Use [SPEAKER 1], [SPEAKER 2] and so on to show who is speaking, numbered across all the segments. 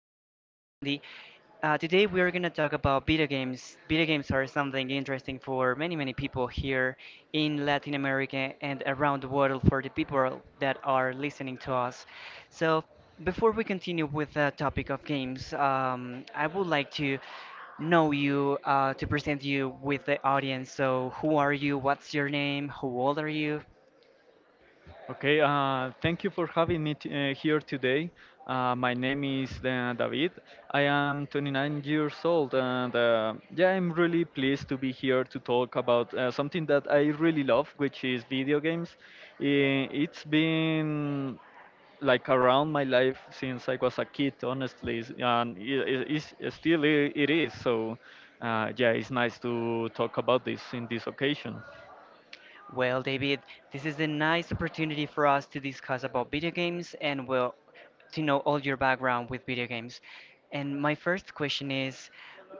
[SPEAKER 1] Handy. Today we are going to talk about video games. Video games are something interesting for many, many people here in Latin America and around the world for the people that are listening to us. So, before we continue with the topic of games, I would like to know you to present you with the audience. So, who are you? What's your name? How old are you?
[SPEAKER 2] Okay, thank you for having me here today. My name is David. I am 29 years old, and yeah, I'm really pleased to be here to talk about something that I really love, which is video games. It's been like around my life since I was a kid, honestly, and it is still it is. So, yeah, it's nice to talk about this in this occasion.
[SPEAKER 1] Well, David, this is a nice opportunity for us to discuss about video games and, well, to know all your background with video games. And my first question is,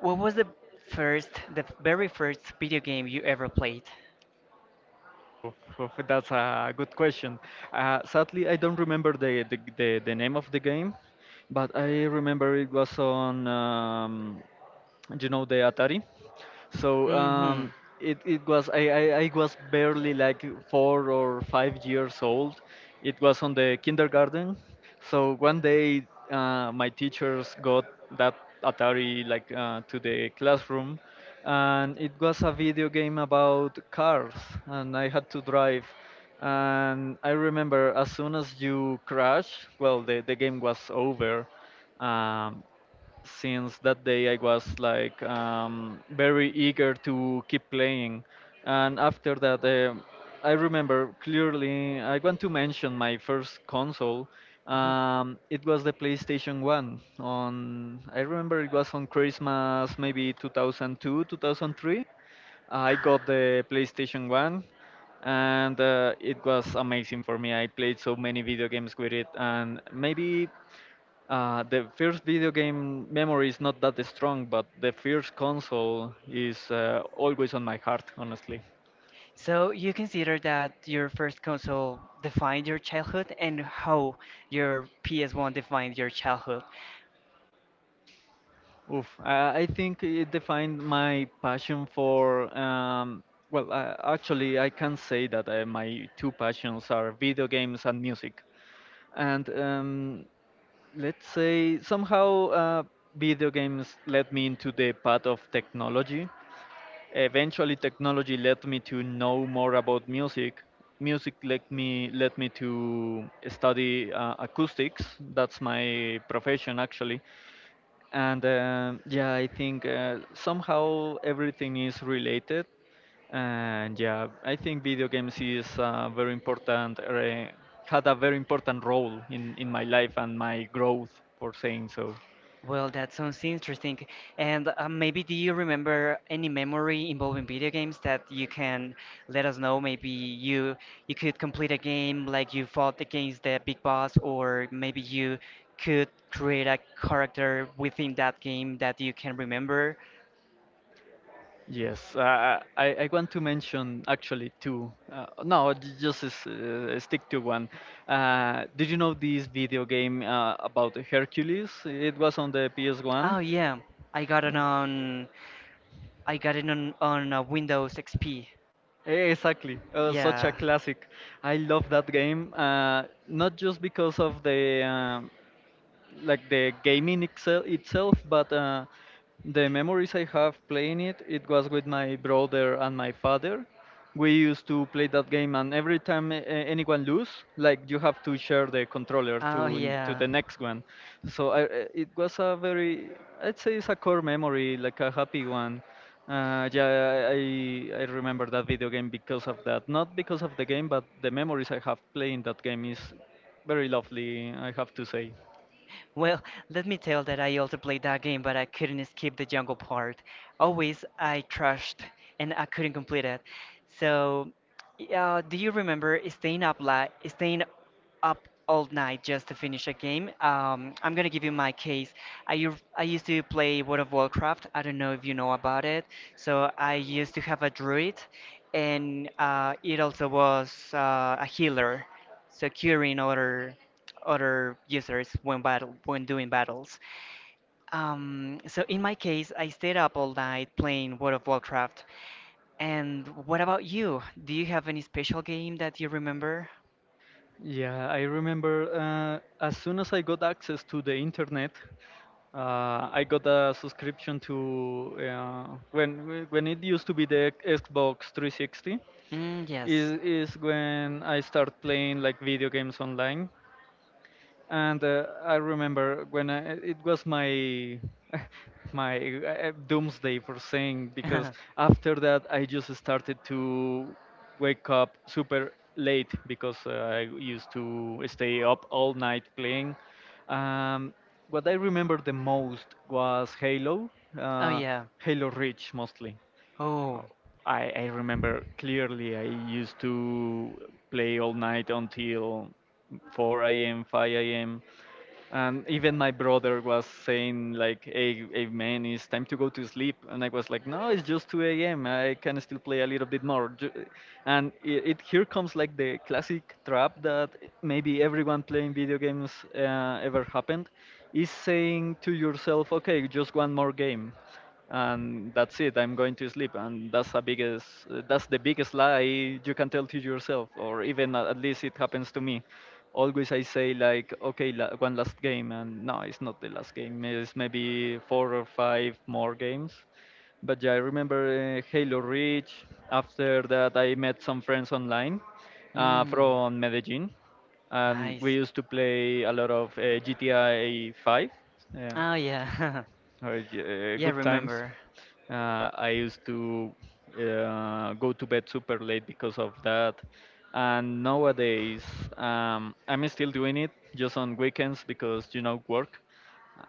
[SPEAKER 1] what was the first, the very first video game you ever played?
[SPEAKER 2] Oof, that's a good question. Sadly, I don't remember the name of the game, but I remember it was on. You know the Atari. So
[SPEAKER 1] Mm-hmm.
[SPEAKER 2] um, it, it was I was barely like four or five years old. It was on the kindergarten. So one day my teachers got that Atari like to the classroom, and it was a video game about cars, and I had to drive. And I remember as soon as you crash, well, the game was over. Um, since that day I was like very eager to keep playing. And after that, I remember clearly, I want to mention my first console. It was the PlayStation 1 on I remember it was on Christmas maybe 2002 2003 I got the PlayStation 1 and it was amazing for me. I played so many video games with it, and maybe the first video game memory is not that strong, but the first console is always on my heart, honestly.
[SPEAKER 1] So you consider that your first console defined your childhood and how your PS1 defined your childhood?
[SPEAKER 2] Oof, I think it defined my passion for. Well, actually, I can say that my two passions are video games and music. And let's say somehow video games led me into the path of technology. Eventually, technology led me to know more about music. Music led me to study acoustics. That's my profession actually. And yeah, I think somehow everything is related. And yeah, I think video games is very important. Had a very important role in my life and my growth, for saying so.
[SPEAKER 1] Well, that sounds interesting. And maybe do you remember any memory involving video games that you can let us know? Maybe you could complete a game like you fought against the big boss, or maybe you could create a character within that game that you can remember.
[SPEAKER 2] Yes, I want to mention actually two. No, just stick to one. Did you know this video game about Hercules? It was on the PS1.
[SPEAKER 1] Oh yeah, I got it on I got it on Windows XP.
[SPEAKER 2] Exactly, such a
[SPEAKER 1] Yeah.
[SPEAKER 2] classic. I love that game, not just because of the like the gaming itself but the memories I have playing it. It was with my brother and my father. We used to play that game, and every time anyone lose, like you have to share the controller to
[SPEAKER 1] Oh
[SPEAKER 2] to
[SPEAKER 1] yeah.
[SPEAKER 2] the next one. So it was a very, I'd say it's a core memory, like a happy one. Yeah, I remember that video game because of that, not because of the game, but the memories I have playing that game is very lovely, I have to say.
[SPEAKER 1] Well, let me tell that I also played that game, but I couldn't skip the jungle part. Always I trashed and I couldn't complete it. So, do you remember staying up late, staying up all night just to finish a game? I'm gonna give you my case. I used to play World of Warcraft. I don't know if you know about it. So I used to have a druid, and it also was a healer securing other users when battle when doing battles. So in my case, I stayed up all night playing World of Warcraft. And what about you? Do you have any special game that you remember?
[SPEAKER 2] Yeah, I remember as soon as I got access to the internet, I got a subscription to uh, when it used to be the Xbox 360
[SPEAKER 1] Mm, yes.
[SPEAKER 2] is when I start playing like video games online. And I remember when I, it was my my doomsday for saying, because after that I just started to wake up super late because I used to stay up all night playing. Um, what I remember the most was Halo,
[SPEAKER 1] Oh
[SPEAKER 2] uh,
[SPEAKER 1] yeah.
[SPEAKER 2] Halo Reach mostly.
[SPEAKER 1] Oh.
[SPEAKER 2] Oh, I remember clearly I used to play all night until 4 a.m., 5 a.m. And even my brother was saying like, hey, hey man, it's time to go to sleep. And I was like, no, it's just 2 a.m. I can still play a little bit more. And it here comes like the classic trap that maybe everyone playing video games ever happened, is saying to yourself, okay, just one more game and that's it, I'm going to sleep. And that's a biggest that's the biggest lie you can tell to yourself, or even at least it happens to me. Always I say like, okay, one last game, and no, it's not the last game, it's maybe four or five more games. But yeah, I remember Halo Reach. After that I met some friends online
[SPEAKER 1] Mm.
[SPEAKER 2] from Medellin, and we
[SPEAKER 1] Nice.
[SPEAKER 2] used to play a lot of GTA 5, yeah.
[SPEAKER 1] Oh yeah,
[SPEAKER 2] Oh, yeah,
[SPEAKER 1] yeah.
[SPEAKER 2] good times.
[SPEAKER 1] Remember?
[SPEAKER 2] I used to go to bed super late because of that. And nowadays, I'm still doing it just on weekends because, you know, work.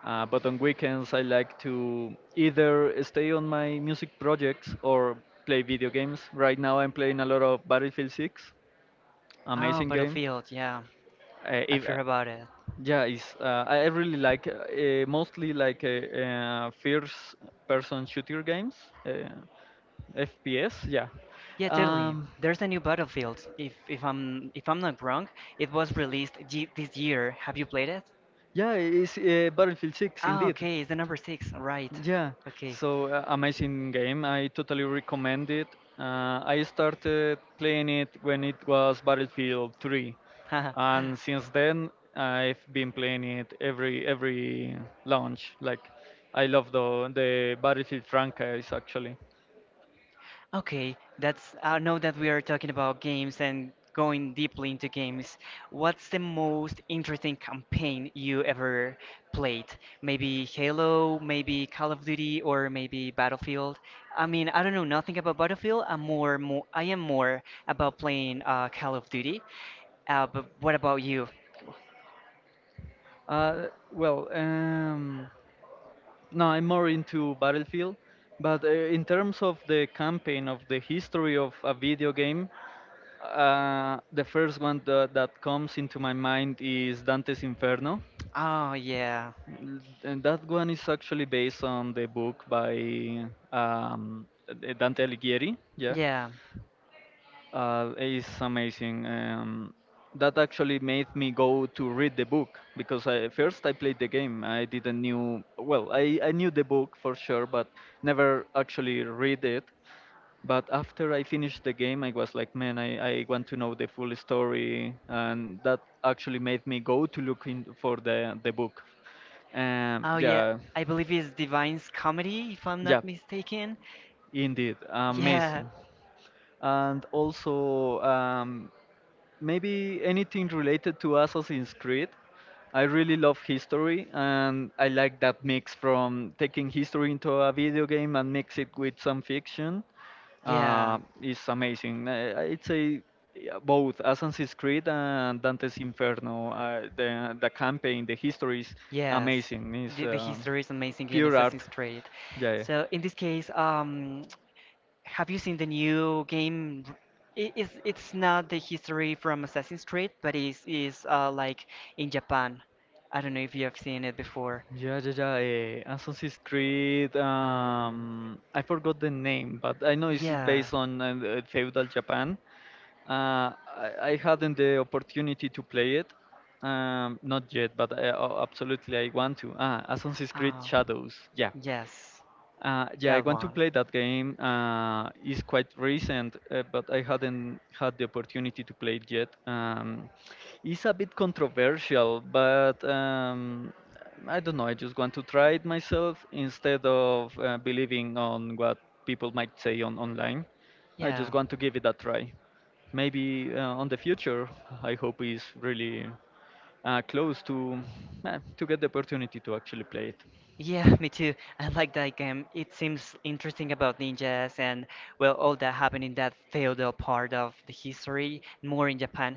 [SPEAKER 2] But on weekends, I like to either stay on my music projects or play video games. Right now, I'm playing a lot of Battlefield 6,
[SPEAKER 1] Oh,
[SPEAKER 2] amazing game.
[SPEAKER 1] Battlefield. Yeah, I
[SPEAKER 2] If,
[SPEAKER 1] forgot about it.
[SPEAKER 2] yeah, it's, I really like mostly like first-person shooter games, uh, FPS. Yeah,
[SPEAKER 1] Yeah, totally.
[SPEAKER 2] um,
[SPEAKER 1] There's a new Battlefield. If I'm not wrong, it was released this year. Have you played it?
[SPEAKER 2] yeah, it's Battlefield 6
[SPEAKER 1] Ah,
[SPEAKER 2] indeed.
[SPEAKER 1] okay. It's the number six, right?
[SPEAKER 2] Yeah,
[SPEAKER 1] Okay.
[SPEAKER 2] so amazing game. I totally recommend it. I started playing it when it was Battlefield 3, and since then I've been playing it every launch. Like, I love the Battlefield franchise actually.
[SPEAKER 1] Okay, that's I know that we are talking about games and going deeply into games. What's the most interesting campaign you ever played? Maybe Halo, maybe Call of Duty, or maybe Battlefield. I mean, I don't know nothing about Battlefield. I am more about playing Call of Duty. But what about you?
[SPEAKER 2] Uh, well, no, I'm more into Battlefield, but in terms of the campaign of the history of a video game, the first one that comes into my mind is Dante's Inferno.
[SPEAKER 1] Oh yeah.
[SPEAKER 2] And that one is actually based on the book by Dante Alighieri. Yeah.
[SPEAKER 1] Yeah. And
[SPEAKER 2] It's amazing. That actually made me go to read the book, because I, first I played the game. I didn't knew well. I knew the book for sure, but never actually read it. But after I finished the game, I was like, man, I want to know the full story, and that actually made me go to look in for the book.
[SPEAKER 1] oh yeah,
[SPEAKER 2] Yeah,
[SPEAKER 1] I believe it's Divine's comedy, if I'm, yeah,
[SPEAKER 2] yeah,
[SPEAKER 1] not mistaken.
[SPEAKER 2] indeed,
[SPEAKER 1] Yeah,
[SPEAKER 2] amazing. And also maybe anything related to Assassin's Creed. I really love history, and I like that mix from taking history into a video game and mix it with some fiction.
[SPEAKER 1] yeah,
[SPEAKER 2] It's amazing. I, I'd say yeah, both Assassin's Creed and Dante's Inferno. The campaign, the history is
[SPEAKER 1] yes.
[SPEAKER 2] amazing.
[SPEAKER 1] The,
[SPEAKER 2] It's
[SPEAKER 1] amazing. the history is amazing in
[SPEAKER 2] pure art.
[SPEAKER 1] Assassin's Creed.
[SPEAKER 2] Yeah. Yeah.
[SPEAKER 1] Yeah, so in this case, have you seen the new game? It's not the history from Assassin's Creed, but it's is like in Japan. I don't know if you have seen it before.
[SPEAKER 2] Yeah, yeah, yeah. Assassin's Creed.
[SPEAKER 1] Um,
[SPEAKER 2] I forgot the name, but I know it's
[SPEAKER 1] yeah,
[SPEAKER 2] based on feudal Japan. I hadn't the opportunity to play it, not yet, but I, oh, absolutely I want to. Ah, Assassin's Creed Shadows. Yeah,
[SPEAKER 1] yes.
[SPEAKER 2] yeah, I want to play that game. It's quite recent, but I hadn't had the opportunity to play it yet. It's a bit controversial, but I don't know. I just want to try it myself instead of believing on what people might say on online. I just want to give it a try. Maybe on the future, I hope it's really close to get the opportunity to actually play it.
[SPEAKER 1] Yeah, me too. I like that game. It seems interesting about ninjas and, well, all that happened in that feudal part of the history, more in Japan.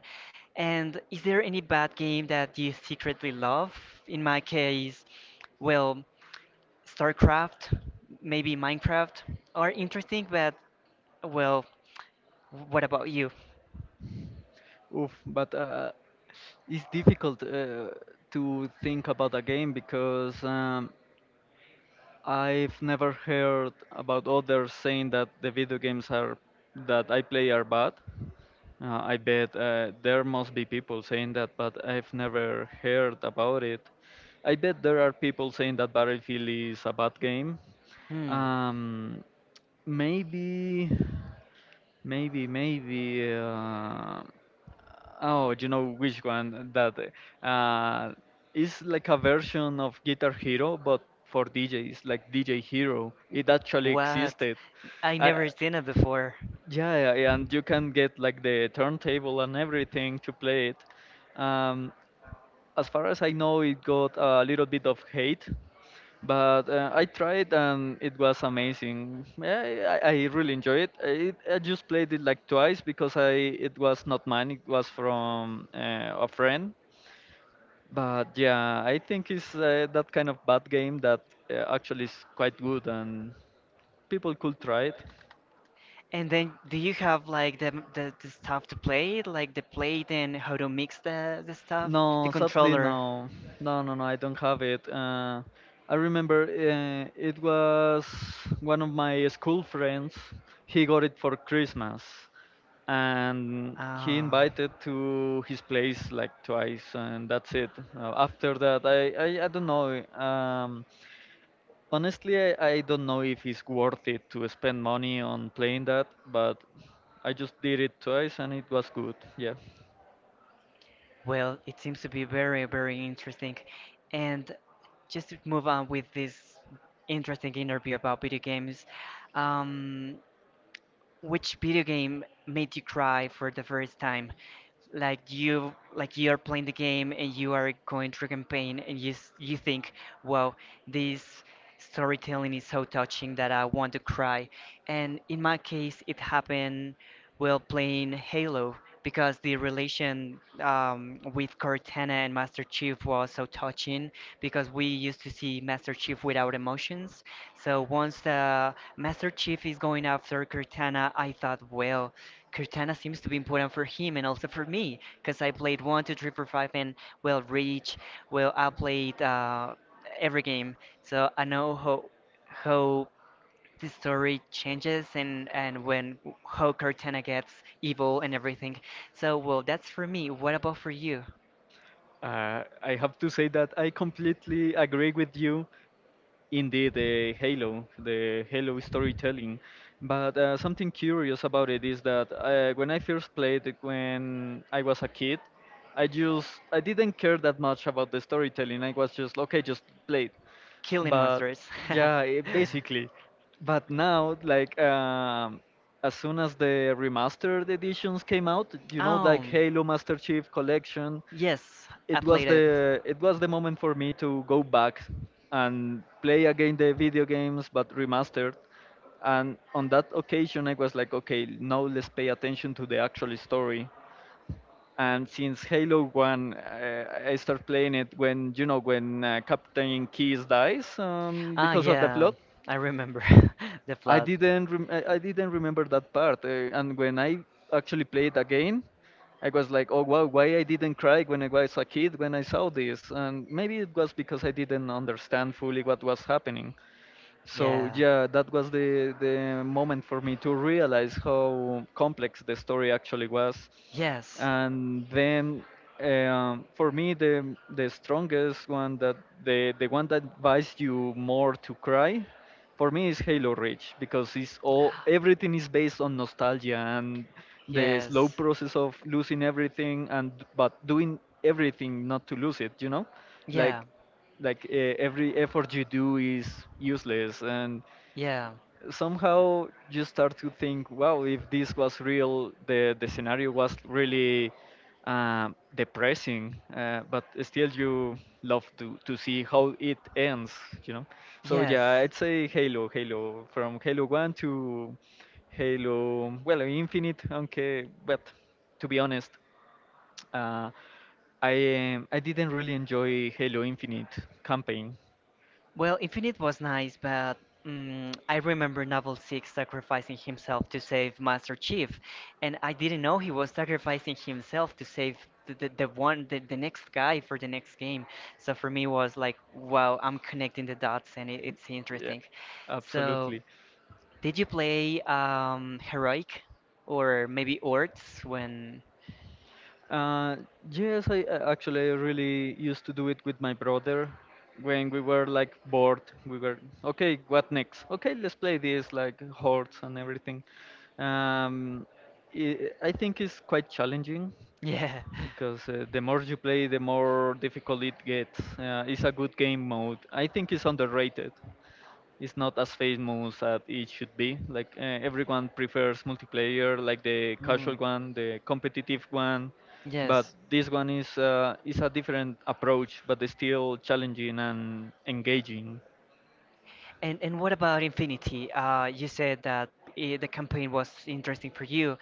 [SPEAKER 1] And is there any bad game that you secretly love? In my case, well, StarCraft, maybe Minecraft are interesting, but, well, what about you?
[SPEAKER 2] Oof, but it's difficult to think about a game because I've never heard about others saying that the video games are that I play are bad. I bet there must be people saying that, but I've never heard about it. I bet there are people saying that Battlefield is a bad game.
[SPEAKER 1] Hmm.
[SPEAKER 2] Um, maybe, maybe, maybe. Oh, you know which one that uh, is like a version of Guitar Hero, but for DJs, like DJ Hero. It actually
[SPEAKER 1] What?
[SPEAKER 2] existed.
[SPEAKER 1] I
[SPEAKER 2] I,
[SPEAKER 1] never seen it before.
[SPEAKER 2] yeah, yeah, yeah, and you can get like the turntable and everything to play it. Um, as far as I know, it got a little bit of hate, but I tried and it was amazing. Yeah, I really enjoyed it. I just played it like twice because I it was not mine. It was from a friend. But yeah, I think it's that kind of bad game that actually is quite good and people could try it.
[SPEAKER 1] And then, do you have like the stuff to play it, like the plate and how to mix the stuff, the
[SPEAKER 2] No, sadly,
[SPEAKER 1] controller?
[SPEAKER 2] no. No, no, no, I don't have it. I remember it was one of my school friends. He got it for Christmas and he
[SPEAKER 1] Ah.
[SPEAKER 2] invited to his place like twice and that's it. After that, I don't know. Honestly, I don't know if it's worth it to spend money on playing that, but I just did it twice and it was good. Yeah.
[SPEAKER 1] Well, it seems to be very, very interesting. And just to move on with this interesting interview about video games, um, which video game made you cry for the first time? Like you are playing the game and you are going through campaign and you think, wow, this storytelling is so touching that I want to cry. And in my case, it happened will playing Halo because the relation with Cortana and Master Chief was so touching because we used to see Master Chief without emotions. So once Master Chief is going after Cortana, I thought, well, Cortana seems to be important for him and also for me because I played one, 2, 3, 4, 5, and, well, Reach. Well, I played every game. So I know how the story changes, and when how Cortana gets evil and everything. So, well, that's for me. What about for you?
[SPEAKER 2] I have to say that I completely agree with you. Indeed, the Halo storytelling. But something curious about it is that when I first played it when I was a kid, I didn't care that much about the storytelling. I was just okay, just play it.
[SPEAKER 1] Killing
[SPEAKER 2] But
[SPEAKER 1] monsters.
[SPEAKER 2] yeah, it, basically. But now, as soon as the remastered editions came out, you know, like
[SPEAKER 1] Um,
[SPEAKER 2] Halo Master Chief Collection,
[SPEAKER 1] yes, I played it.
[SPEAKER 2] it was the moment for me to go back and play again the video games but remastered. And on that occasion I was like, okay, now let's pay attention to the actual story. And since Halo 1, I started playing it when, you know, when Captain Keyes dies
[SPEAKER 1] Ah,
[SPEAKER 2] because of the
[SPEAKER 1] yeah,
[SPEAKER 2] flood.
[SPEAKER 1] I remember the
[SPEAKER 2] I
[SPEAKER 1] plot.
[SPEAKER 2] didn't rem- I I didn't remember that part, and when I actually played again, I was like, oh wow, why I didn't cry when I was a kid when I saw this, and maybe it was because I didn't understand fully what was happening. So
[SPEAKER 1] Yeah.
[SPEAKER 2] yeah, that was the moment for me to realize how complex the story actually was.
[SPEAKER 1] Yes.
[SPEAKER 2] And then for me the strongest one, that the one that buys you more to cry, for me is Halo Reach, because it's all, everything is based on nostalgia and the
[SPEAKER 1] Yes.
[SPEAKER 2] slow process of losing everything, and but doing everything not to lose it, you know,
[SPEAKER 1] Yeah,
[SPEAKER 2] like every effort you do is useless, and
[SPEAKER 1] yeah,
[SPEAKER 2] somehow you start to think, wow, if this was real, the scenario was really depressing, but still you love to see how it ends, you know. So
[SPEAKER 1] yes.
[SPEAKER 2] yeah, I'd say Halo from Halo 1 to Halo, well, Infinite, okay, but to be honest, uh, I I didn't really enjoy Halo Infinite campaign.
[SPEAKER 1] Well, Infinite was nice, but, mm, I remember Novel 6 sacrificing himself to save Master Chief, and I didn't know he was sacrificing himself to save the next guy for the next game. So for me was like, wow, I'm connecting the dots and it's
[SPEAKER 2] Yeah,
[SPEAKER 1] interesting. So,
[SPEAKER 2] absolutely.
[SPEAKER 1] did you play Heroic or maybe Orcs when.
[SPEAKER 2] Uh, yes, I, actually I really used to do it with my brother when we were like bored. We were okay. What next? Okay, let's play this like hordes and everything. Um, I think it's quite challenging
[SPEAKER 1] Yeah.
[SPEAKER 2] because the more you play, the more difficult it gets. It's a good game mode. I think it's underrated. It's not as famous as it should be. Like everyone prefers multiplayer, like the
[SPEAKER 1] Hmm.
[SPEAKER 2] casual one, the competitive one, but
[SPEAKER 1] Yes.
[SPEAKER 2] this one is a different approach, but it's still challenging and engaging.
[SPEAKER 1] And what about Infinity? You said that I the campaign was interesting for you.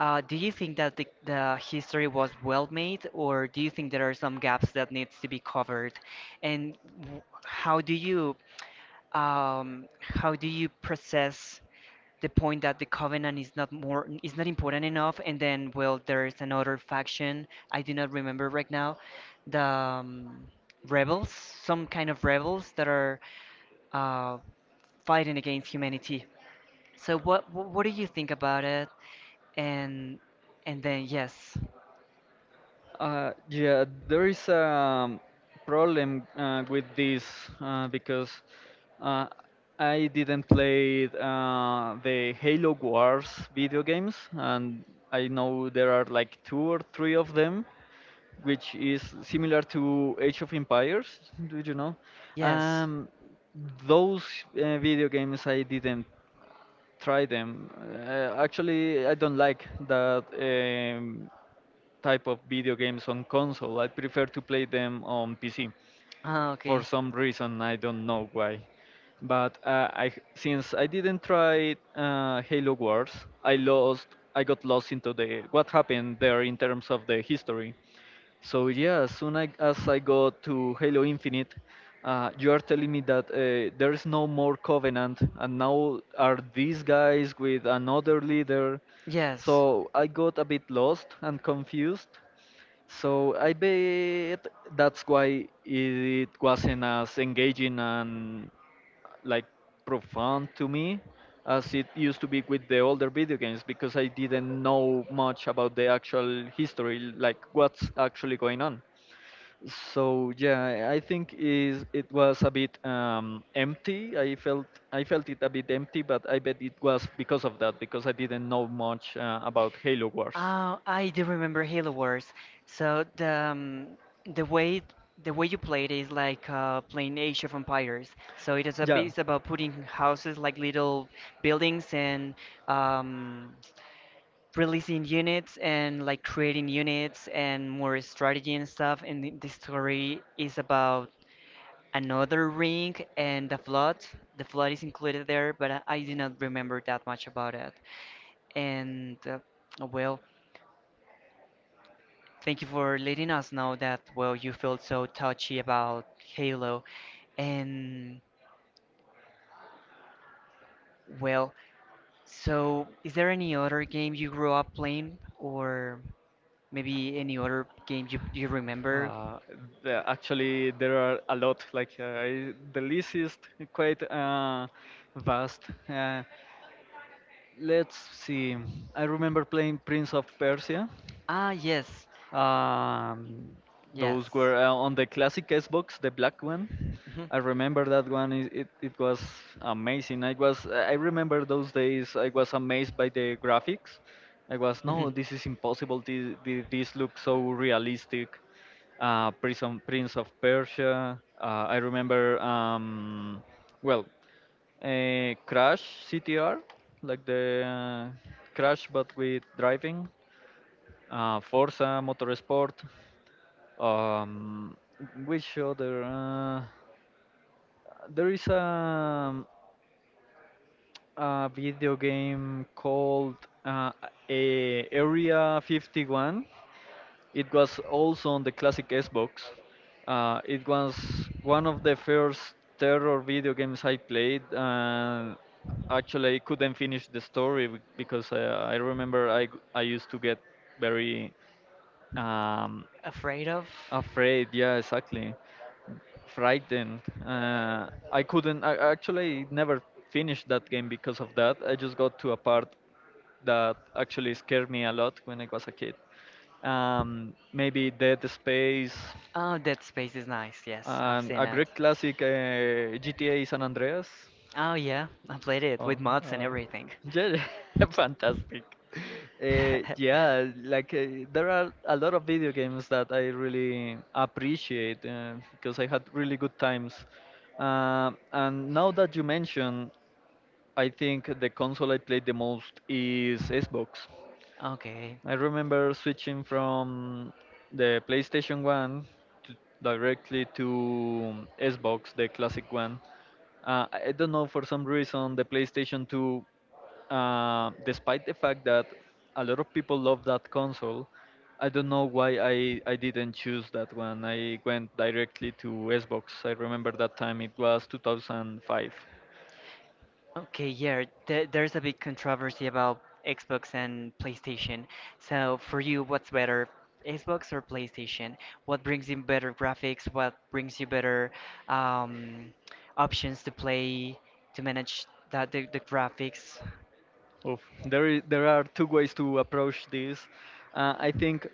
[SPEAKER 1] Do you think that the history was well made, or do you think there are some gaps that needs to be covered? And w- how do you how do you process the point that the covenant is not more is not important enough, and then, well, there is another faction. I do not remember right now the rebels, some kind of rebels that are uh, fighting against humanity. So what do you think about it? And and then, yes.
[SPEAKER 2] Yeah, there is a problem with this, because uh, I didn't play the Halo Wars video games, and I know there are like two or three of them, which is similar to Age of Empires. Do you know?
[SPEAKER 1] Yes.
[SPEAKER 2] Um, those video games I didn't try them. Actually, I don't like that type of video games on console. I prefer to play them on PC
[SPEAKER 1] Ah,
[SPEAKER 2] for
[SPEAKER 1] okay.
[SPEAKER 2] some reason, I don't know why. But I since I didn't try Halo Wars, I lost. I got lost into the what happened there in terms of the history. So yeah, as I go to Halo Infinite, you are telling me that there is no more Covenant, and now are these guys with another leader?
[SPEAKER 1] Yes.
[SPEAKER 2] So I got a bit lost and confused, so I bet that's why it wasn't as engaging and like profound to me as it used to be with the older video games, because I didn't know much about the actual history, like what's actually going on. So yeah, I think is it was a bit empty. I felt it a bit empty, but I bet it was because of that, because I didn't know much about Halo Wars.
[SPEAKER 1] Oh, I do remember Halo Wars. So the um, the way the way you play it is like playing Age of Empires. So
[SPEAKER 2] Yeah.
[SPEAKER 1] yeah, it's about putting houses like little buildings and um, releasing units and like creating units and more strategy and stuff. And the story is about another ring and the flood. The flood is included there, but I do not remember that much about it. And well, thank you for letting us know that, well, you felt so touchy about Halo. And, well, so is there any other game you grew up playing, or maybe any other game you remember?
[SPEAKER 2] Uh, the, actually, there are a lot. Like I- the list is quite vast. Let's see. I remember playing Prince of Persia.
[SPEAKER 1] Ah, yes.
[SPEAKER 2] Um,
[SPEAKER 1] Yes.
[SPEAKER 2] those were on the
[SPEAKER 1] Mhm.
[SPEAKER 2] classic Xbox, the black one.
[SPEAKER 1] Mhm.
[SPEAKER 2] I remember that one. It was amazing. I remember those days. I was amazed by the graphics. I was, no, this is impossible. This looks so realistic. Prince of Persia. I remember. Well. Crash CTR, like the Crash but with driving. Forza Motorsport. Um, which other? There is a video game called uh, a Area 51. It was also on the classic Xbox. It was one of the first terror video games I played, and actually I couldn't finish the story because I remember I used to get very um,
[SPEAKER 1] Afraid of?
[SPEAKER 2] afraid, yeah, exactly. Frightened. I couldn't. I actually never finished that game because of that. I just got to a part that actually scared me a lot when I was a kid. Maybe Dead Space,
[SPEAKER 1] Oh, Dead Space is nice. Yes, I've
[SPEAKER 2] and a
[SPEAKER 1] seen it.
[SPEAKER 2] great classic, GTA San Andreas.
[SPEAKER 1] Oh yeah, I played it
[SPEAKER 2] Oh,
[SPEAKER 1] with mods and everything.
[SPEAKER 2] yeah, yeah, fantastic. Yeah, like there are a lot of video games that I really appreciate because I had really good times. And now that you mention, I think the console I played the most is Xbox.
[SPEAKER 1] Okay.
[SPEAKER 2] I remember switching from the PlayStation 1 to directly to Xbox, the classic one. I don't know, for some reason, the PlayStation 2, despite the fact that a lot of people love that console, I don't know why I didn't choose that one. I went directly to Xbox. I remember that time it was 2005.
[SPEAKER 1] Okay, yeah, there's a big controversy about Xbox and PlayStation. So, for you, what's better, Xbox or PlayStation? What brings you better graphics? What brings you better um, options to play, to manage that the graphics?
[SPEAKER 2] Oof. There are two ways to approach this. I think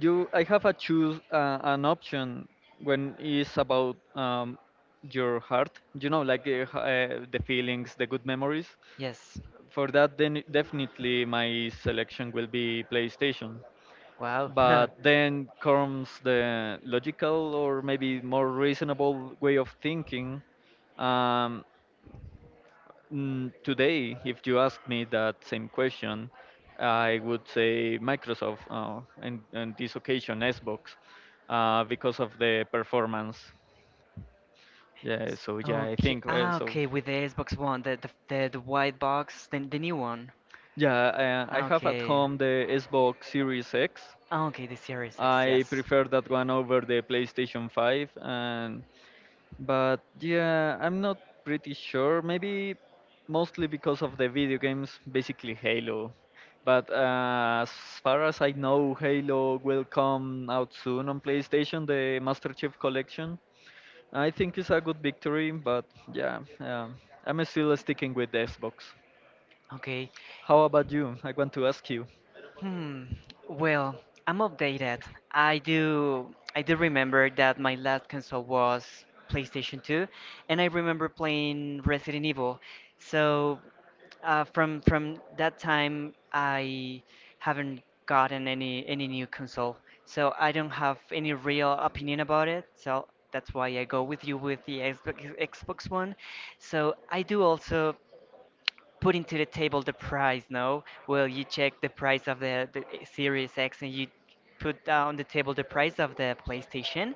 [SPEAKER 2] I have a choose an option when it's about your heart. You know, like the feelings, the good memories.
[SPEAKER 1] Yes.
[SPEAKER 2] For that, then definitely my selection will be PlayStation. But then comes the logical or maybe more reasonable way of thinking. Um, today, if you ask me that same question, I would say Microsoft, and on this occasion Xbox, because of the performance. Yeah, so yeah, I
[SPEAKER 1] Okay.
[SPEAKER 2] think
[SPEAKER 1] Ah,
[SPEAKER 2] so.
[SPEAKER 1] okay. With the Xbox One, the white box, the new one.
[SPEAKER 2] Yeah, I
[SPEAKER 1] Ah,
[SPEAKER 2] have at
[SPEAKER 1] okay.
[SPEAKER 2] home the Xbox Series X.
[SPEAKER 1] Ah, okay. The Series X.
[SPEAKER 2] I
[SPEAKER 1] Yes.
[SPEAKER 2] prefer that one over the PlayStation 5, and but yeah, I'm not pretty sure. Maybe mostly because of the video games, basically Halo. But as far as I know, Halo will come out soon on PlayStation, the Master Chief Collection. I think it's a good victory, but yeah, um, I'm still sticking with the Xbox.
[SPEAKER 1] Okay.
[SPEAKER 2] How about you? I want to ask you.
[SPEAKER 1] Hmm. Well, I'm updated. I do remember that my last console was PlayStation 2, and I remember playing Resident Evil. So, from that time, I haven't gotten any new console, so I don't have any real opinion about it. So that's why I go with you with the Xbox One. So I do also putting to the table the price. No, well, you check the price of the Series X, and you put down the table the price of the PlayStation,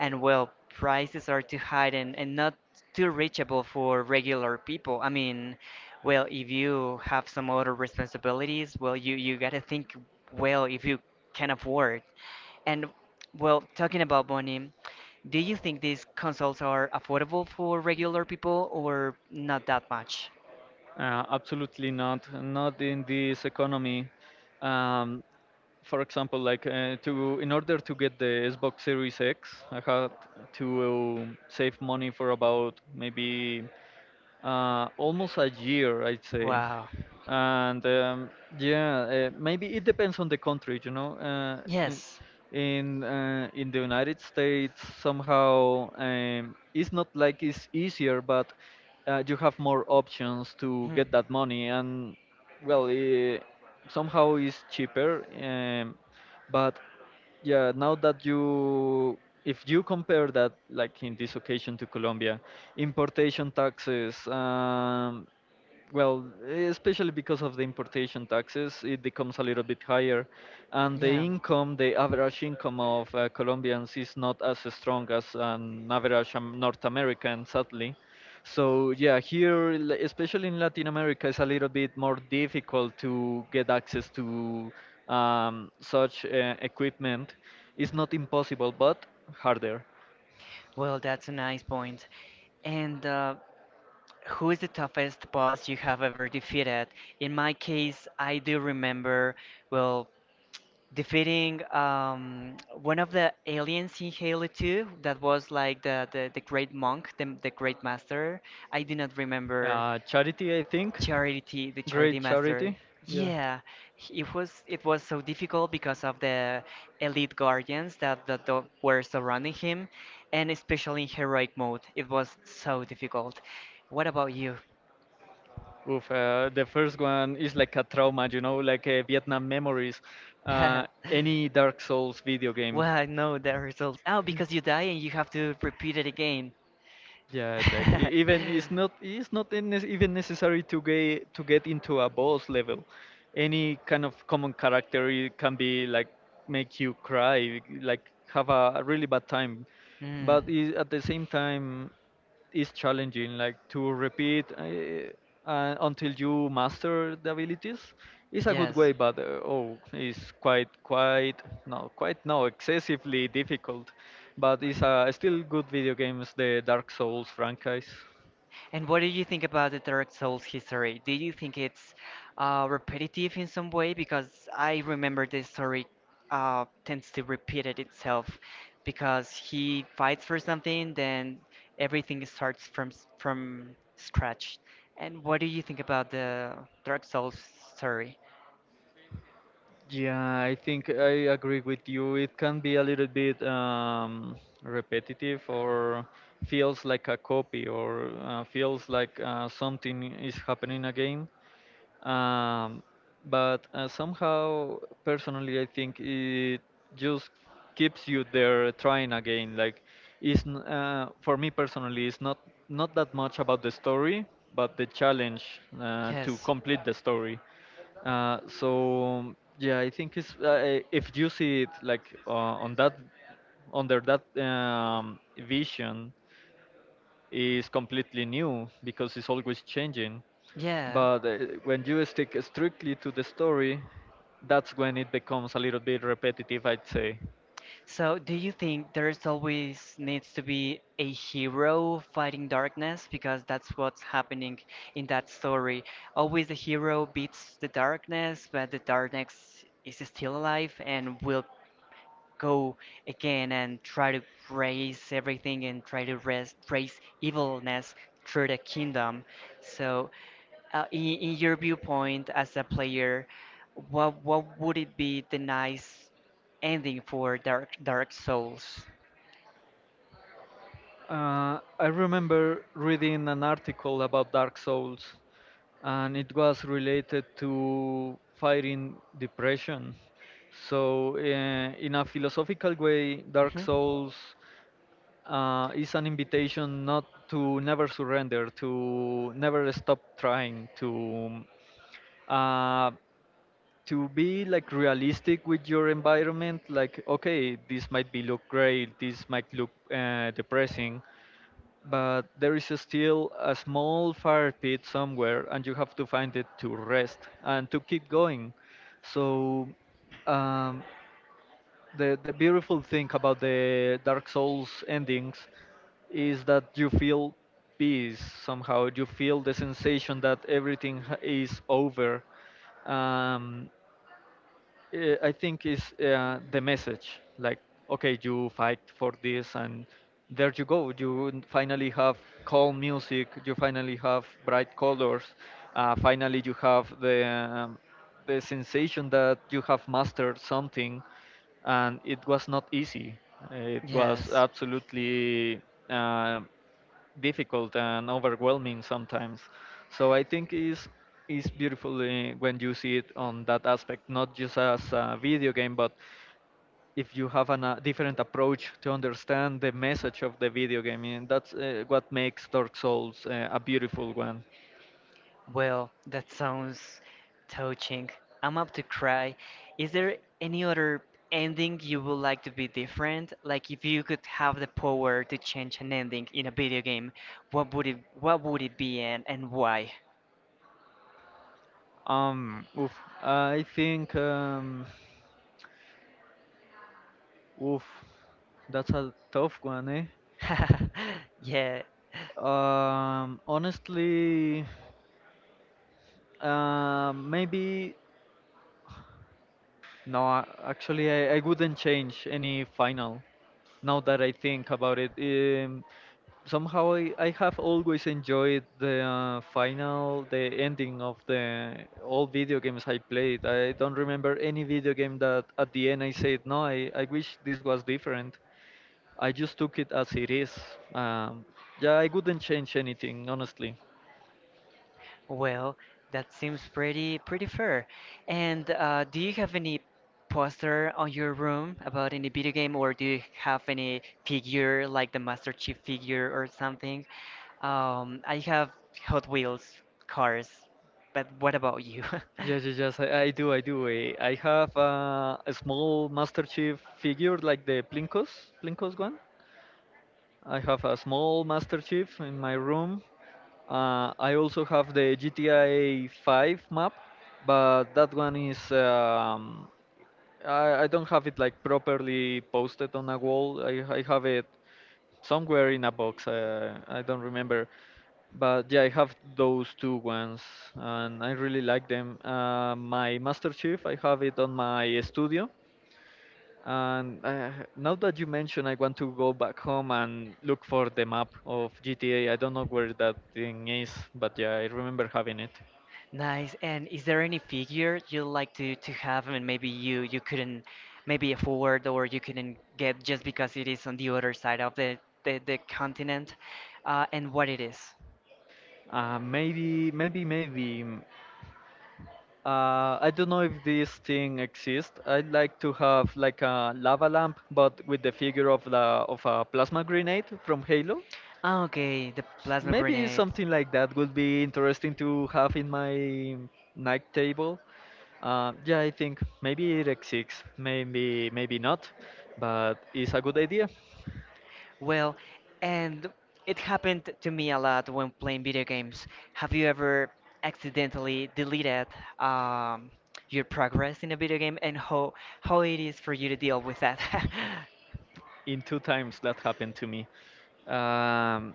[SPEAKER 1] and, well, prices are too high, and not too reachable for regular people. I mean, well, if you have some other responsibilities, well, you gotta think, well, if you can afford. And, well, talking about money, do you think these consoles are affordable for regular people or not that much?
[SPEAKER 2] Absolutely not. Not in this economy. Um, for example, like to in order to get the Xbox Series X, I had to save money for about maybe almost a year, I'd say.
[SPEAKER 1] Wow.
[SPEAKER 2] And yeah, maybe it depends on the country, you know.
[SPEAKER 1] Yes.
[SPEAKER 2] In the United States, somehow it's not like it's easier, but you have more options to get that money, and well, eh, somehow it's cheaper. But yeah, now that you if you compare that like in this occasion to Colombia, importation taxes, well, especially because of the importation taxes, it becomes a little bit higher, and the income, the average income of Colombians is not as strong as an
[SPEAKER 1] Hmm.
[SPEAKER 2] average North American, sadly. So yeah, here, l- especially in Latin America, it's a little bit more difficult to get access to such equipment. It's not impossible, but harder.
[SPEAKER 1] Well, that's a nice point. And who is the toughest boss you have ever defeated? In my case, I do remember, well, defeating one of the aliens in Halo 2 that was like the great monk, the great master. I do not remember.
[SPEAKER 2] Charity, I think,
[SPEAKER 1] Charity, the
[SPEAKER 2] great
[SPEAKER 1] charity master.
[SPEAKER 2] Charity. Yeah.
[SPEAKER 1] Yeah, it was so difficult because of the elite guardians that, were surrounding him, and especially in heroic mode, it was so difficult. What about you?
[SPEAKER 2] Oof, the first one is like a trauma, you know, like Vietnam memories. Any Dark Souls video game.
[SPEAKER 1] Well, no, the results. Oh, because you die and you have to repeat it again.
[SPEAKER 2] Yeah, like even it's not in even necessary to get into a boss level. Any kind of common character, it can be like make you cry, like have a really bad time. But at the same time, is challenging, like to repeat until you
[SPEAKER 1] Mm.
[SPEAKER 2] master the abilities, is a good
[SPEAKER 1] Yes.
[SPEAKER 2] way. But oh, it's quite quite no excessively difficult, but it's still good video games, the Dark Souls franchise.
[SPEAKER 1] And what do you think about the Dark Souls history? Do you think it's repetitive in some way? Because I remember this story tends to repeat it itself because he fights for something, then everything starts from from scratch. And what do you think about the Dark Souls story?
[SPEAKER 2] Yeah, I think I agree with you, it can be a little bit repetitive or feels like a copy, or feels like something is happening again, um, but somehow, personally I think it just keeps you there trying again, like it's for me personally, it's not that much about the story, but the challenge to
[SPEAKER 1] Yes.
[SPEAKER 2] complete the story. Uh, so yeah, I think it's if you see it like on that, under that vision, is completely new because it's always changing.
[SPEAKER 1] Yeah.
[SPEAKER 2] But when you stick strictly to the story, that's when it becomes a little bit repetitive, I'd say.
[SPEAKER 1] So, do you think there's always needs to be a hero fighting darkness? Because that's what's happening in that story. Always the hero beats the darkness, but the darkness is still alive and will go again and try to raise everything and try to raise evilness through the kingdom. So, in your viewpoint as a player, what would it be the nice ending for Dark Souls?
[SPEAKER 2] I remember reading an article about Dark Souls, and it was related to fighting depression. So, in a philosophical way, Dark
[SPEAKER 1] Mhm.
[SPEAKER 2] Souls is an invitation not to never surrender, to never stop trying, to, uh, to be like realistic with your environment. Like, okay, this might be look great, this might look depressing, but there is still a small fire pit somewhere, and you have to find it to rest and to keep going. So um, the beautiful thing about the Dark Souls endings is that you feel peace somehow. You feel the sensation that everything is over. Um, I think is the message. Like, okay, you fight for this, and there you go. Finally have calm music. You finally have bright colors. Finally, you have the the sensation that you have mastered something, and it was not easy. It was
[SPEAKER 1] Yes.
[SPEAKER 2] absolutely Uh, difficult and overwhelming sometimes. So I think is beautiful when you see it on that aspect, not just as a video game, but if you have a different approach to understand the message of the video game, and that's what makes Dark Souls a beautiful one.
[SPEAKER 1] Well, that sounds touching. I'm up to cry. Is there any other ending you would like to be different? Like if you could have the power to change an ending in a video game, what would it be and why?
[SPEAKER 2] Um, oof, I think, oof, that's a tough one, eh?
[SPEAKER 1] Yeah.
[SPEAKER 2] Honestly, maybe no, actually, I wouldn't change any final. Now that I think about it, somehow I have always enjoyed the final, the ending of the all video games I played. I don't remember any video game that at the end I said, no, I wish this was different. I just took it as it is. Um, yeah, I wouldn't change anything, honestly.
[SPEAKER 1] Well, that seems pretty fair. And do you have any poster on your room about any video game, or do you have any figure like the Master Chief figure or something? I have Hot Wheels cars, but what about you?
[SPEAKER 2] Yeah, yeah, yes, I do. I have a small Master Chief figure, like Plinkos one. I have a small Master Chief in my room. I also have the GTA 5 map, but that one is I don't have it like properly posted on a wall. I have it somewhere in a box. I don't remember. But yeah, I have those two ones, and I really like them. My Master Chief, I have it on my studio, and now that you mention, I want to go back home and look for the map of GTA. I don't know where that thing is, but yeah, I remember having it.
[SPEAKER 1] Nice. And is there any figure you like to have, and maybe you couldn't maybe afford or you couldn't get just because it is on the other side of the continent, and what it is?
[SPEAKER 2] Maybe. I don't know if this thing exists. I'd like to have like a lava lamp, but with the figure of the of a plasma grenade from Halo.
[SPEAKER 1] Ah, okay, the plasma
[SPEAKER 2] Maybe
[SPEAKER 1] grenade.
[SPEAKER 2] something like that would be interesting to have in my night table. Yeah, I think maybe it exists, maybe not, but it's a good idea.
[SPEAKER 1] Well, and it happened to me a lot when playing video games. Have you ever accidentally deleted um, your progress in a video game and how it is for you to deal with that?
[SPEAKER 2] In two times that happened to me, um,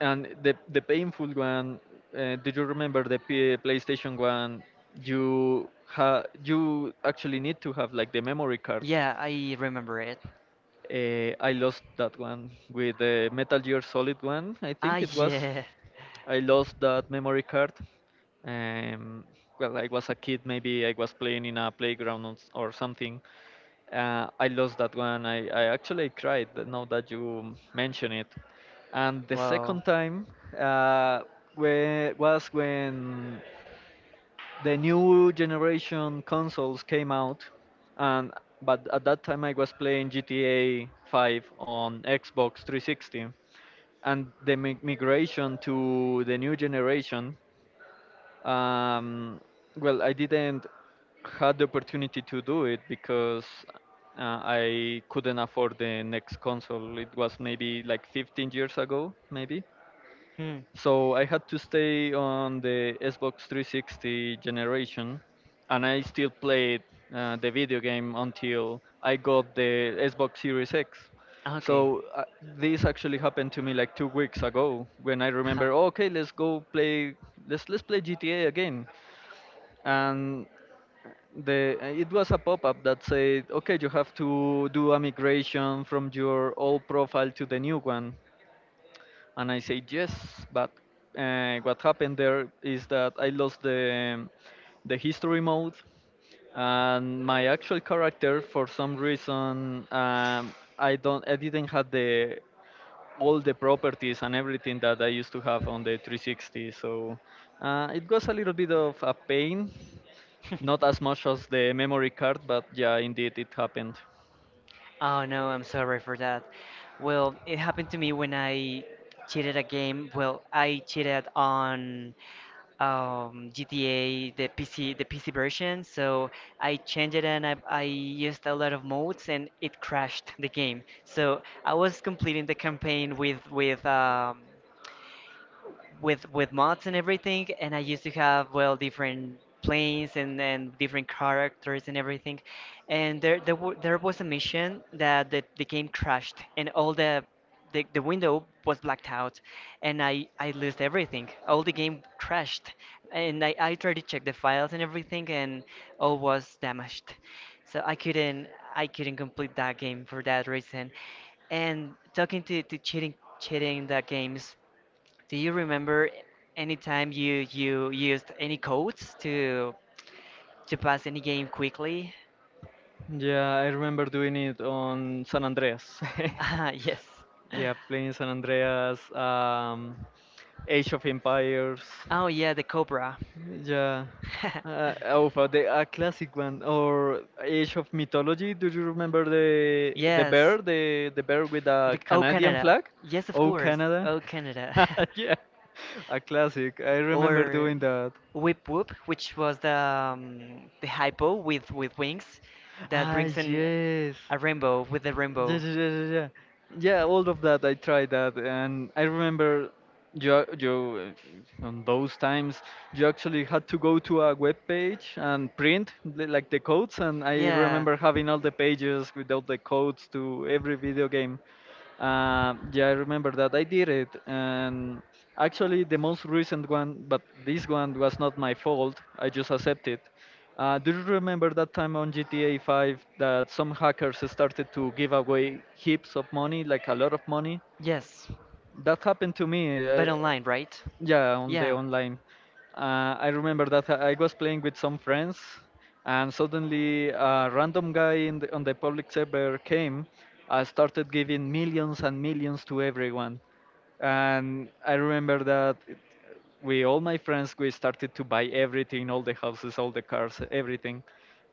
[SPEAKER 2] and the painful one. Do you remember the PlayStation one? You actually need to have like the memory card.
[SPEAKER 1] Yeah, I remember it.
[SPEAKER 2] I lost that one with the Metal Gear Solid one. I
[SPEAKER 1] Ah,
[SPEAKER 2] think it was.
[SPEAKER 1] yeah.
[SPEAKER 2] I lost that memory card. Um, well, I was a kid. Maybe I was playing in a playground or something. I lost that one. I actually cried now that you mention it. And the
[SPEAKER 1] Wow.
[SPEAKER 2] second time, uh, was when the new generation consoles came out, and but at that time I was playing GTA 5 on Xbox 360, and the migration to the new generation, um, well, I didn't had the opportunity to do it because I couldn't afford the next console. It was maybe like 15 years ago, maybe.
[SPEAKER 1] Hmm.
[SPEAKER 2] So I had to stay on the Xbox 360 generation, and I still played the video game until I got the Xbox Series X.
[SPEAKER 1] Okay.
[SPEAKER 2] So this actually happened to me like 2 weeks ago when I
[SPEAKER 1] Ha.
[SPEAKER 2] remember, "Oh, okay, let's go play, let's play GTA again, and the it was a pop-up that said, okay, you have to do a migration from your old profile to the new one, and I said yes, but what happened there is that I lost the history mode, and my actual character for some reason, I didn't have the all the properties and everything that I used to have on the 360. So it was a little bit of a pain, not as much as the memory card, but yeah, indeed it happened.
[SPEAKER 1] Oh no, I'm sorry for that. Well, it happened to me when I cheated a game. Well, I cheated on GTA, the PC version. So I changed it and I used a lot of modes, and it crashed the game. So I was completing the campaign with mods and everything, and I used to have, well, different planes and different characters and everything, and there was a mission that the game crashed, and all the window was blacked out, and I lost everything, all the game crashed, and I tried to check the files and everything, and all was damaged, so I couldn't complete that game for that reason. And talking to cheating that games, do you remember any time you used any codes to pass any game quickly?
[SPEAKER 2] Yeah, I remember doing it on San Andreas.
[SPEAKER 1] Ah, yes.
[SPEAKER 2] Yeah, playing San Andreas, Age of Empires.
[SPEAKER 1] Oh yeah, the Cobra.
[SPEAKER 2] Yeah. The a classic one or Age of Mythology. Do you remember the
[SPEAKER 1] Yes.
[SPEAKER 2] bear, the bear with a
[SPEAKER 1] The Oh
[SPEAKER 2] Canadian
[SPEAKER 1] Canada.
[SPEAKER 2] flag?
[SPEAKER 1] Yes, of
[SPEAKER 2] Oh,
[SPEAKER 1] course.
[SPEAKER 2] Canada.
[SPEAKER 1] Oh Canada.
[SPEAKER 2] Yeah, a classic. I remember
[SPEAKER 1] Or
[SPEAKER 2] doing that.
[SPEAKER 1] Whip Whoop, which was the hypo with wings that
[SPEAKER 2] Ah,
[SPEAKER 1] brings
[SPEAKER 2] yes.
[SPEAKER 1] in
[SPEAKER 2] Yeah,
[SPEAKER 1] a rainbow with the
[SPEAKER 2] yeah,
[SPEAKER 1] rainbow.
[SPEAKER 2] yeah, yeah. Yeah, yeah, all of that. I tried that, and I remember you, ac- you on those times you actually had to go to a web page and like the codes. And I remember having all the pages with all the codes to every video game. Yeah, I remember that. I did it, and actually the most recent one, but this one was not my fault. I just accepted. Do you remember that time on GTA 5 that some hackers started to give away heaps of money, like a lot of money?
[SPEAKER 1] Yes.
[SPEAKER 2] That happened to me.
[SPEAKER 1] Uh, online, right? Yeah.
[SPEAKER 2] Yeah, on the online. I remember that I was playing with some friends, and suddenly a random guy in on the public server came, started giving millions and millions to everyone, and I remember that with all my friends we started to buy everything, all the houses, all the cars, everything.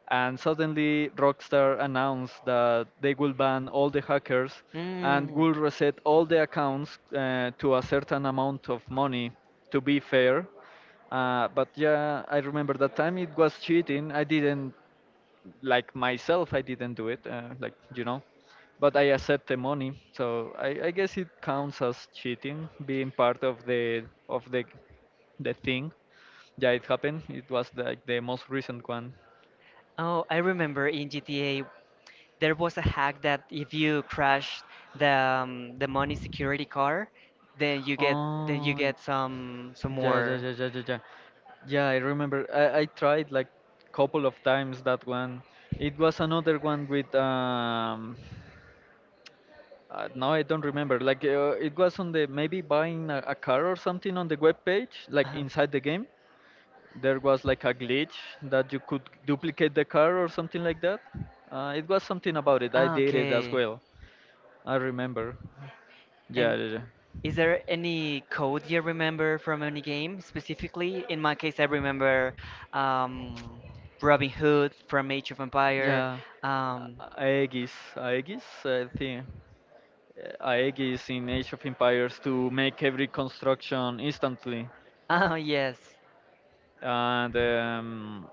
[SPEAKER 2] And suddenly Rockstar announced that they will ban all the hackers and will reset all the accounts to a certain amount of money to be fair. But yeah, I remember that time it was cheating. I didn't like myself. I didn't do it. Like you know. But I accept the money, so I guess it counts as cheating, being part of of the the thing. Yeah, it happened. It was like the most recent one.
[SPEAKER 1] Oh, I remember in GTA there was a hack that if you crash the money security car, then you get then you
[SPEAKER 2] Oh,
[SPEAKER 1] get
[SPEAKER 2] yeah,
[SPEAKER 1] some
[SPEAKER 2] yeah, yeah,
[SPEAKER 1] more.
[SPEAKER 2] yeah, yeah, yeah. Yeah, I remember. I tried like couple of times that one. It was another one with now I don't remember. Like it was on the maybe buying a car or something on the web page, like
[SPEAKER 1] Uh-huh.
[SPEAKER 2] inside the game. There was like a glitch that you could duplicate the car or something like that. It was something about it. I
[SPEAKER 1] Ah,
[SPEAKER 2] did it as
[SPEAKER 1] okay.
[SPEAKER 2] well. I remember. Yeah,
[SPEAKER 1] And
[SPEAKER 2] yeah, yeah.
[SPEAKER 1] is there any code you remember from any game specifically? In my case, I remember um, Robin Hood from Age of Empire.
[SPEAKER 2] Yeah,
[SPEAKER 1] Um,
[SPEAKER 2] A- Aegis, Aegis, I think. Aegis in Age of Empires to make every construction instantly,
[SPEAKER 1] oh yes,
[SPEAKER 2] and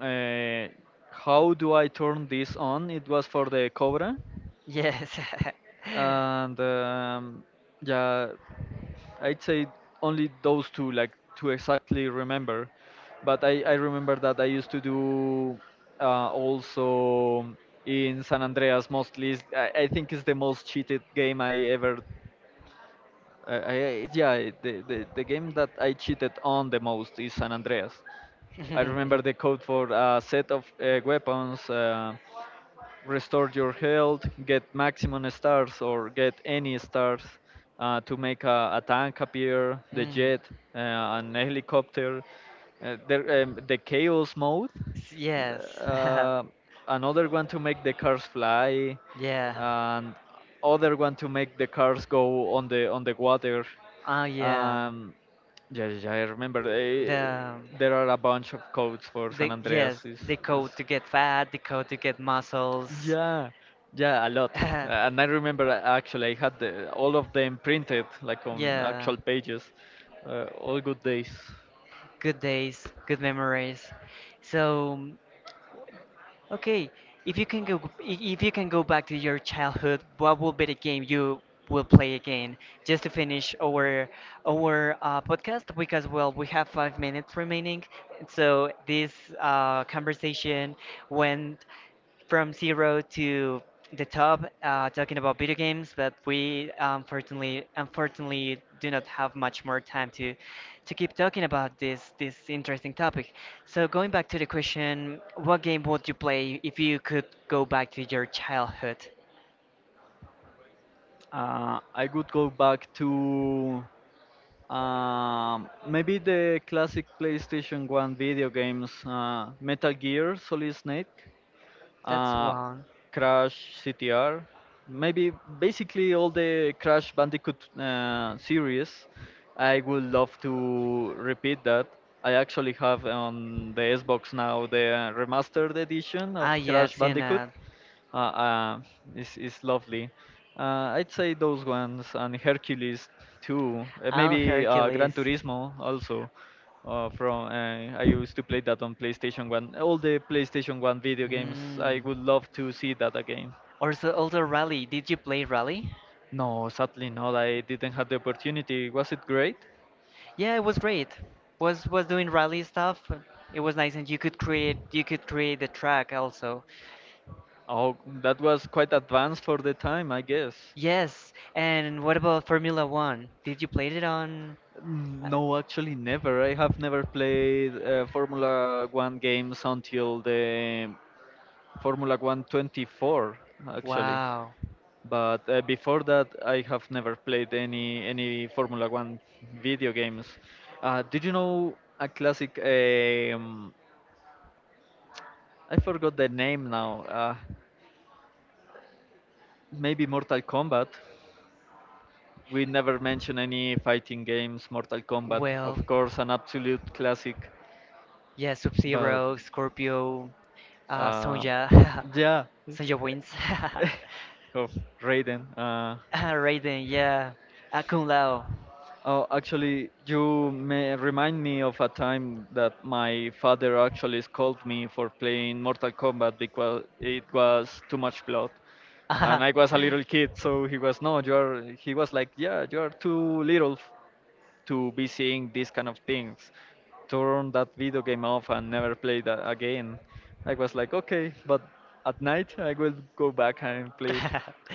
[SPEAKER 2] uh, how do I turn this on? It was for the Cobra,
[SPEAKER 1] yes.
[SPEAKER 2] and yeah, I'd say only those two, like to exactly remember. But I remember that I used to do also in San Andreas mostly. I think it's the most cheated game I ever I yeah, the game that I cheated on the most is San Andreas. I remember the code for a set of weapons. Restore your health, get maximum stars or get any stars to make a tank appear, the
[SPEAKER 1] Mm.
[SPEAKER 2] jet, uh, an helicopter, the chaos mode,
[SPEAKER 1] Yes.
[SPEAKER 2] uh, another one to make the cars fly,
[SPEAKER 1] Yeah.
[SPEAKER 2] and other one to make the cars go on the water.
[SPEAKER 1] Oh yeah.
[SPEAKER 2] Um, yeah, yeah, yeah, I remember.
[SPEAKER 1] The
[SPEAKER 2] There are a bunch of codes for San
[SPEAKER 1] the yes,
[SPEAKER 2] Andreas.
[SPEAKER 1] the
[SPEAKER 2] Is
[SPEAKER 1] code to get fat, the code to get muscles.
[SPEAKER 2] Yeah, yeah, a lot. And I remember actually I had all of them printed like on
[SPEAKER 1] Yeah.
[SPEAKER 2] actual pages. All good days.
[SPEAKER 1] Good days, good memories. So, okay, if you can go I- if you can go back to your childhood, what will be the game you will play again? Just to finish our podcast, because, well, we have 5 minutes remaining, so this conversation went from zero to the top, talking about video games. But we, unfortunately, do not have much more time to keep talking about this interesting topic. So going back to the question, what game would you play if you could go back to your childhood?
[SPEAKER 2] I would go back to maybe the classic PlayStation 1 video games, Metal Gear Solid Snake.
[SPEAKER 1] That's
[SPEAKER 2] uh,
[SPEAKER 1] one.
[SPEAKER 2] Crash CTR, maybe basically all the Crash Bandicoot series. I would love to repeat that. I actually have on the Xbox now the remastered edition of
[SPEAKER 1] Ah, yeah, I've
[SPEAKER 2] Crash
[SPEAKER 1] seen
[SPEAKER 2] Bandicoot,
[SPEAKER 1] that.
[SPEAKER 2] uh, uh is lovely. I'd say those ones and Hercules too.
[SPEAKER 1] I'm
[SPEAKER 2] Maybe Gran
[SPEAKER 1] Hercules.
[SPEAKER 2] Turismo also. From I used to play that on PlayStation One. All the PlayStation One video games.
[SPEAKER 1] Hmm.
[SPEAKER 2] I would love to see that again.
[SPEAKER 1] Also, Rally. Did you play Rally?
[SPEAKER 2] No, sadly not. I didn't have the opportunity. Was it great?
[SPEAKER 1] Yeah, it was great. Was doing rally stuff. It was nice, and you could create the track also.
[SPEAKER 2] Oh, that was quite advanced for the time, I guess.
[SPEAKER 1] Yes. And what about Formula One? Did you play it on? uh,
[SPEAKER 2] No, actually, never. I have never played Formula One games until the Formula 124 actually.
[SPEAKER 1] Wow.
[SPEAKER 2] But before that, I have never played any Formula 1 video games. Did you know a classic? I forgot the name now. Maybe Mortal Kombat. We never mention any fighting games. Mortal Kombat,
[SPEAKER 1] Well,
[SPEAKER 2] of course, an absolute classic.
[SPEAKER 1] yeah, Sub
[SPEAKER 2] But
[SPEAKER 1] Zero, Scorpio,
[SPEAKER 2] uh,
[SPEAKER 1] Sonja,
[SPEAKER 2] yeah,
[SPEAKER 1] Sonja wins.
[SPEAKER 2] of Raiden.
[SPEAKER 1] Raiden, yeah, Kung Lao.
[SPEAKER 2] Oh, actually, you may remind me of a time that my father actually scolded me for playing Mortal Kombat because it was too much blood, and
[SPEAKER 1] Ah.
[SPEAKER 2] I was a little kid, so he was no, you are. He was like, yeah, you are too little to be seeing these kind of things. Turn that video game off and never play that again. I was like, okay, but at night I will go back and play.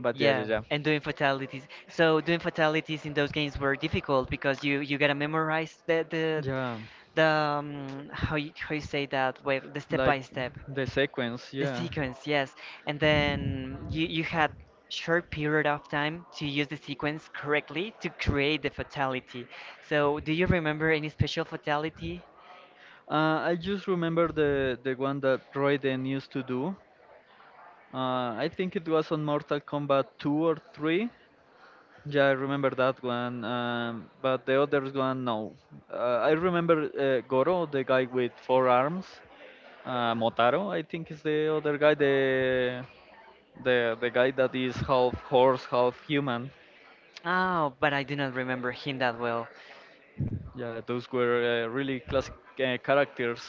[SPEAKER 2] But yeah, yeah,
[SPEAKER 1] Yeah,
[SPEAKER 2] yeah,
[SPEAKER 1] and doing fatalities. So doing fatalities in those games were difficult because you gotta memorize
[SPEAKER 2] yeah.
[SPEAKER 1] the how you say that, well, the step
[SPEAKER 2] Like
[SPEAKER 1] by step.
[SPEAKER 2] the sequence,
[SPEAKER 1] The
[SPEAKER 2] yeah.
[SPEAKER 1] sequence, yes. And then you had short period of time to use the sequence correctly to create the fatality. So do you remember any special fatality?
[SPEAKER 2] I just remember the one that Raiden used to do. I think it was on Mortal Kombat 2 or 3. Yeah, I remember that one, but the others one, no. I remember Goro, the guy with 4 arms. Motaro, I think, is the other guy, the guy that is half horse, half human.
[SPEAKER 1] Oh, but I do not remember him that well.
[SPEAKER 2] Yeah, those were really classic characters.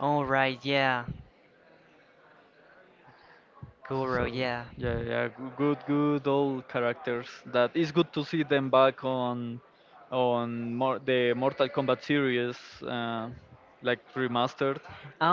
[SPEAKER 1] All right, yeah.
[SPEAKER 2] So
[SPEAKER 1] Goro, yeah.
[SPEAKER 2] yeah, yeah, good, good old characters. That is good to see them back on mor the Mortal Kombat series, uh, like remastered,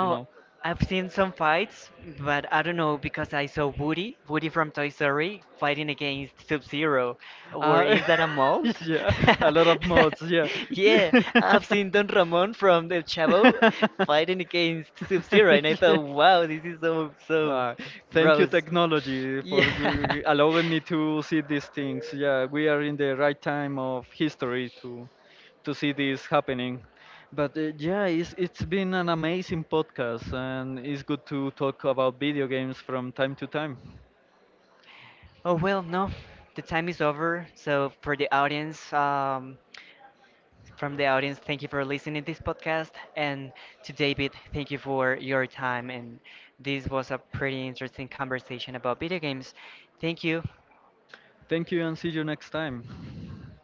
[SPEAKER 2] you know.
[SPEAKER 1] I've seen some fights, but I don't know because I saw Woody from Toy Story, fighting against Sub-Zero. Or
[SPEAKER 2] Uh,
[SPEAKER 1] is that a mold?
[SPEAKER 2] yeah, a lot of mods, yeah.
[SPEAKER 1] Yeah, I've seen Don Ramon from The Chavo fighting against Sub-Zero, and I thought, wow, this is so
[SPEAKER 2] Uh, Thank you,
[SPEAKER 1] gross.
[SPEAKER 2] technology,
[SPEAKER 1] Yeah.
[SPEAKER 2] for allowing me to see these things. Yeah, we are in the right time of history to see this happening. But yeah, it's been an amazing podcast, and it's good to talk about video games from time to time.
[SPEAKER 1] Oh well, no, the time is over. So, from the audience, thank you for listening to this podcast. And to David, thank you for your time. And this was a pretty interesting conversation about video games. Thank you.
[SPEAKER 2] Thank you, and see you next time.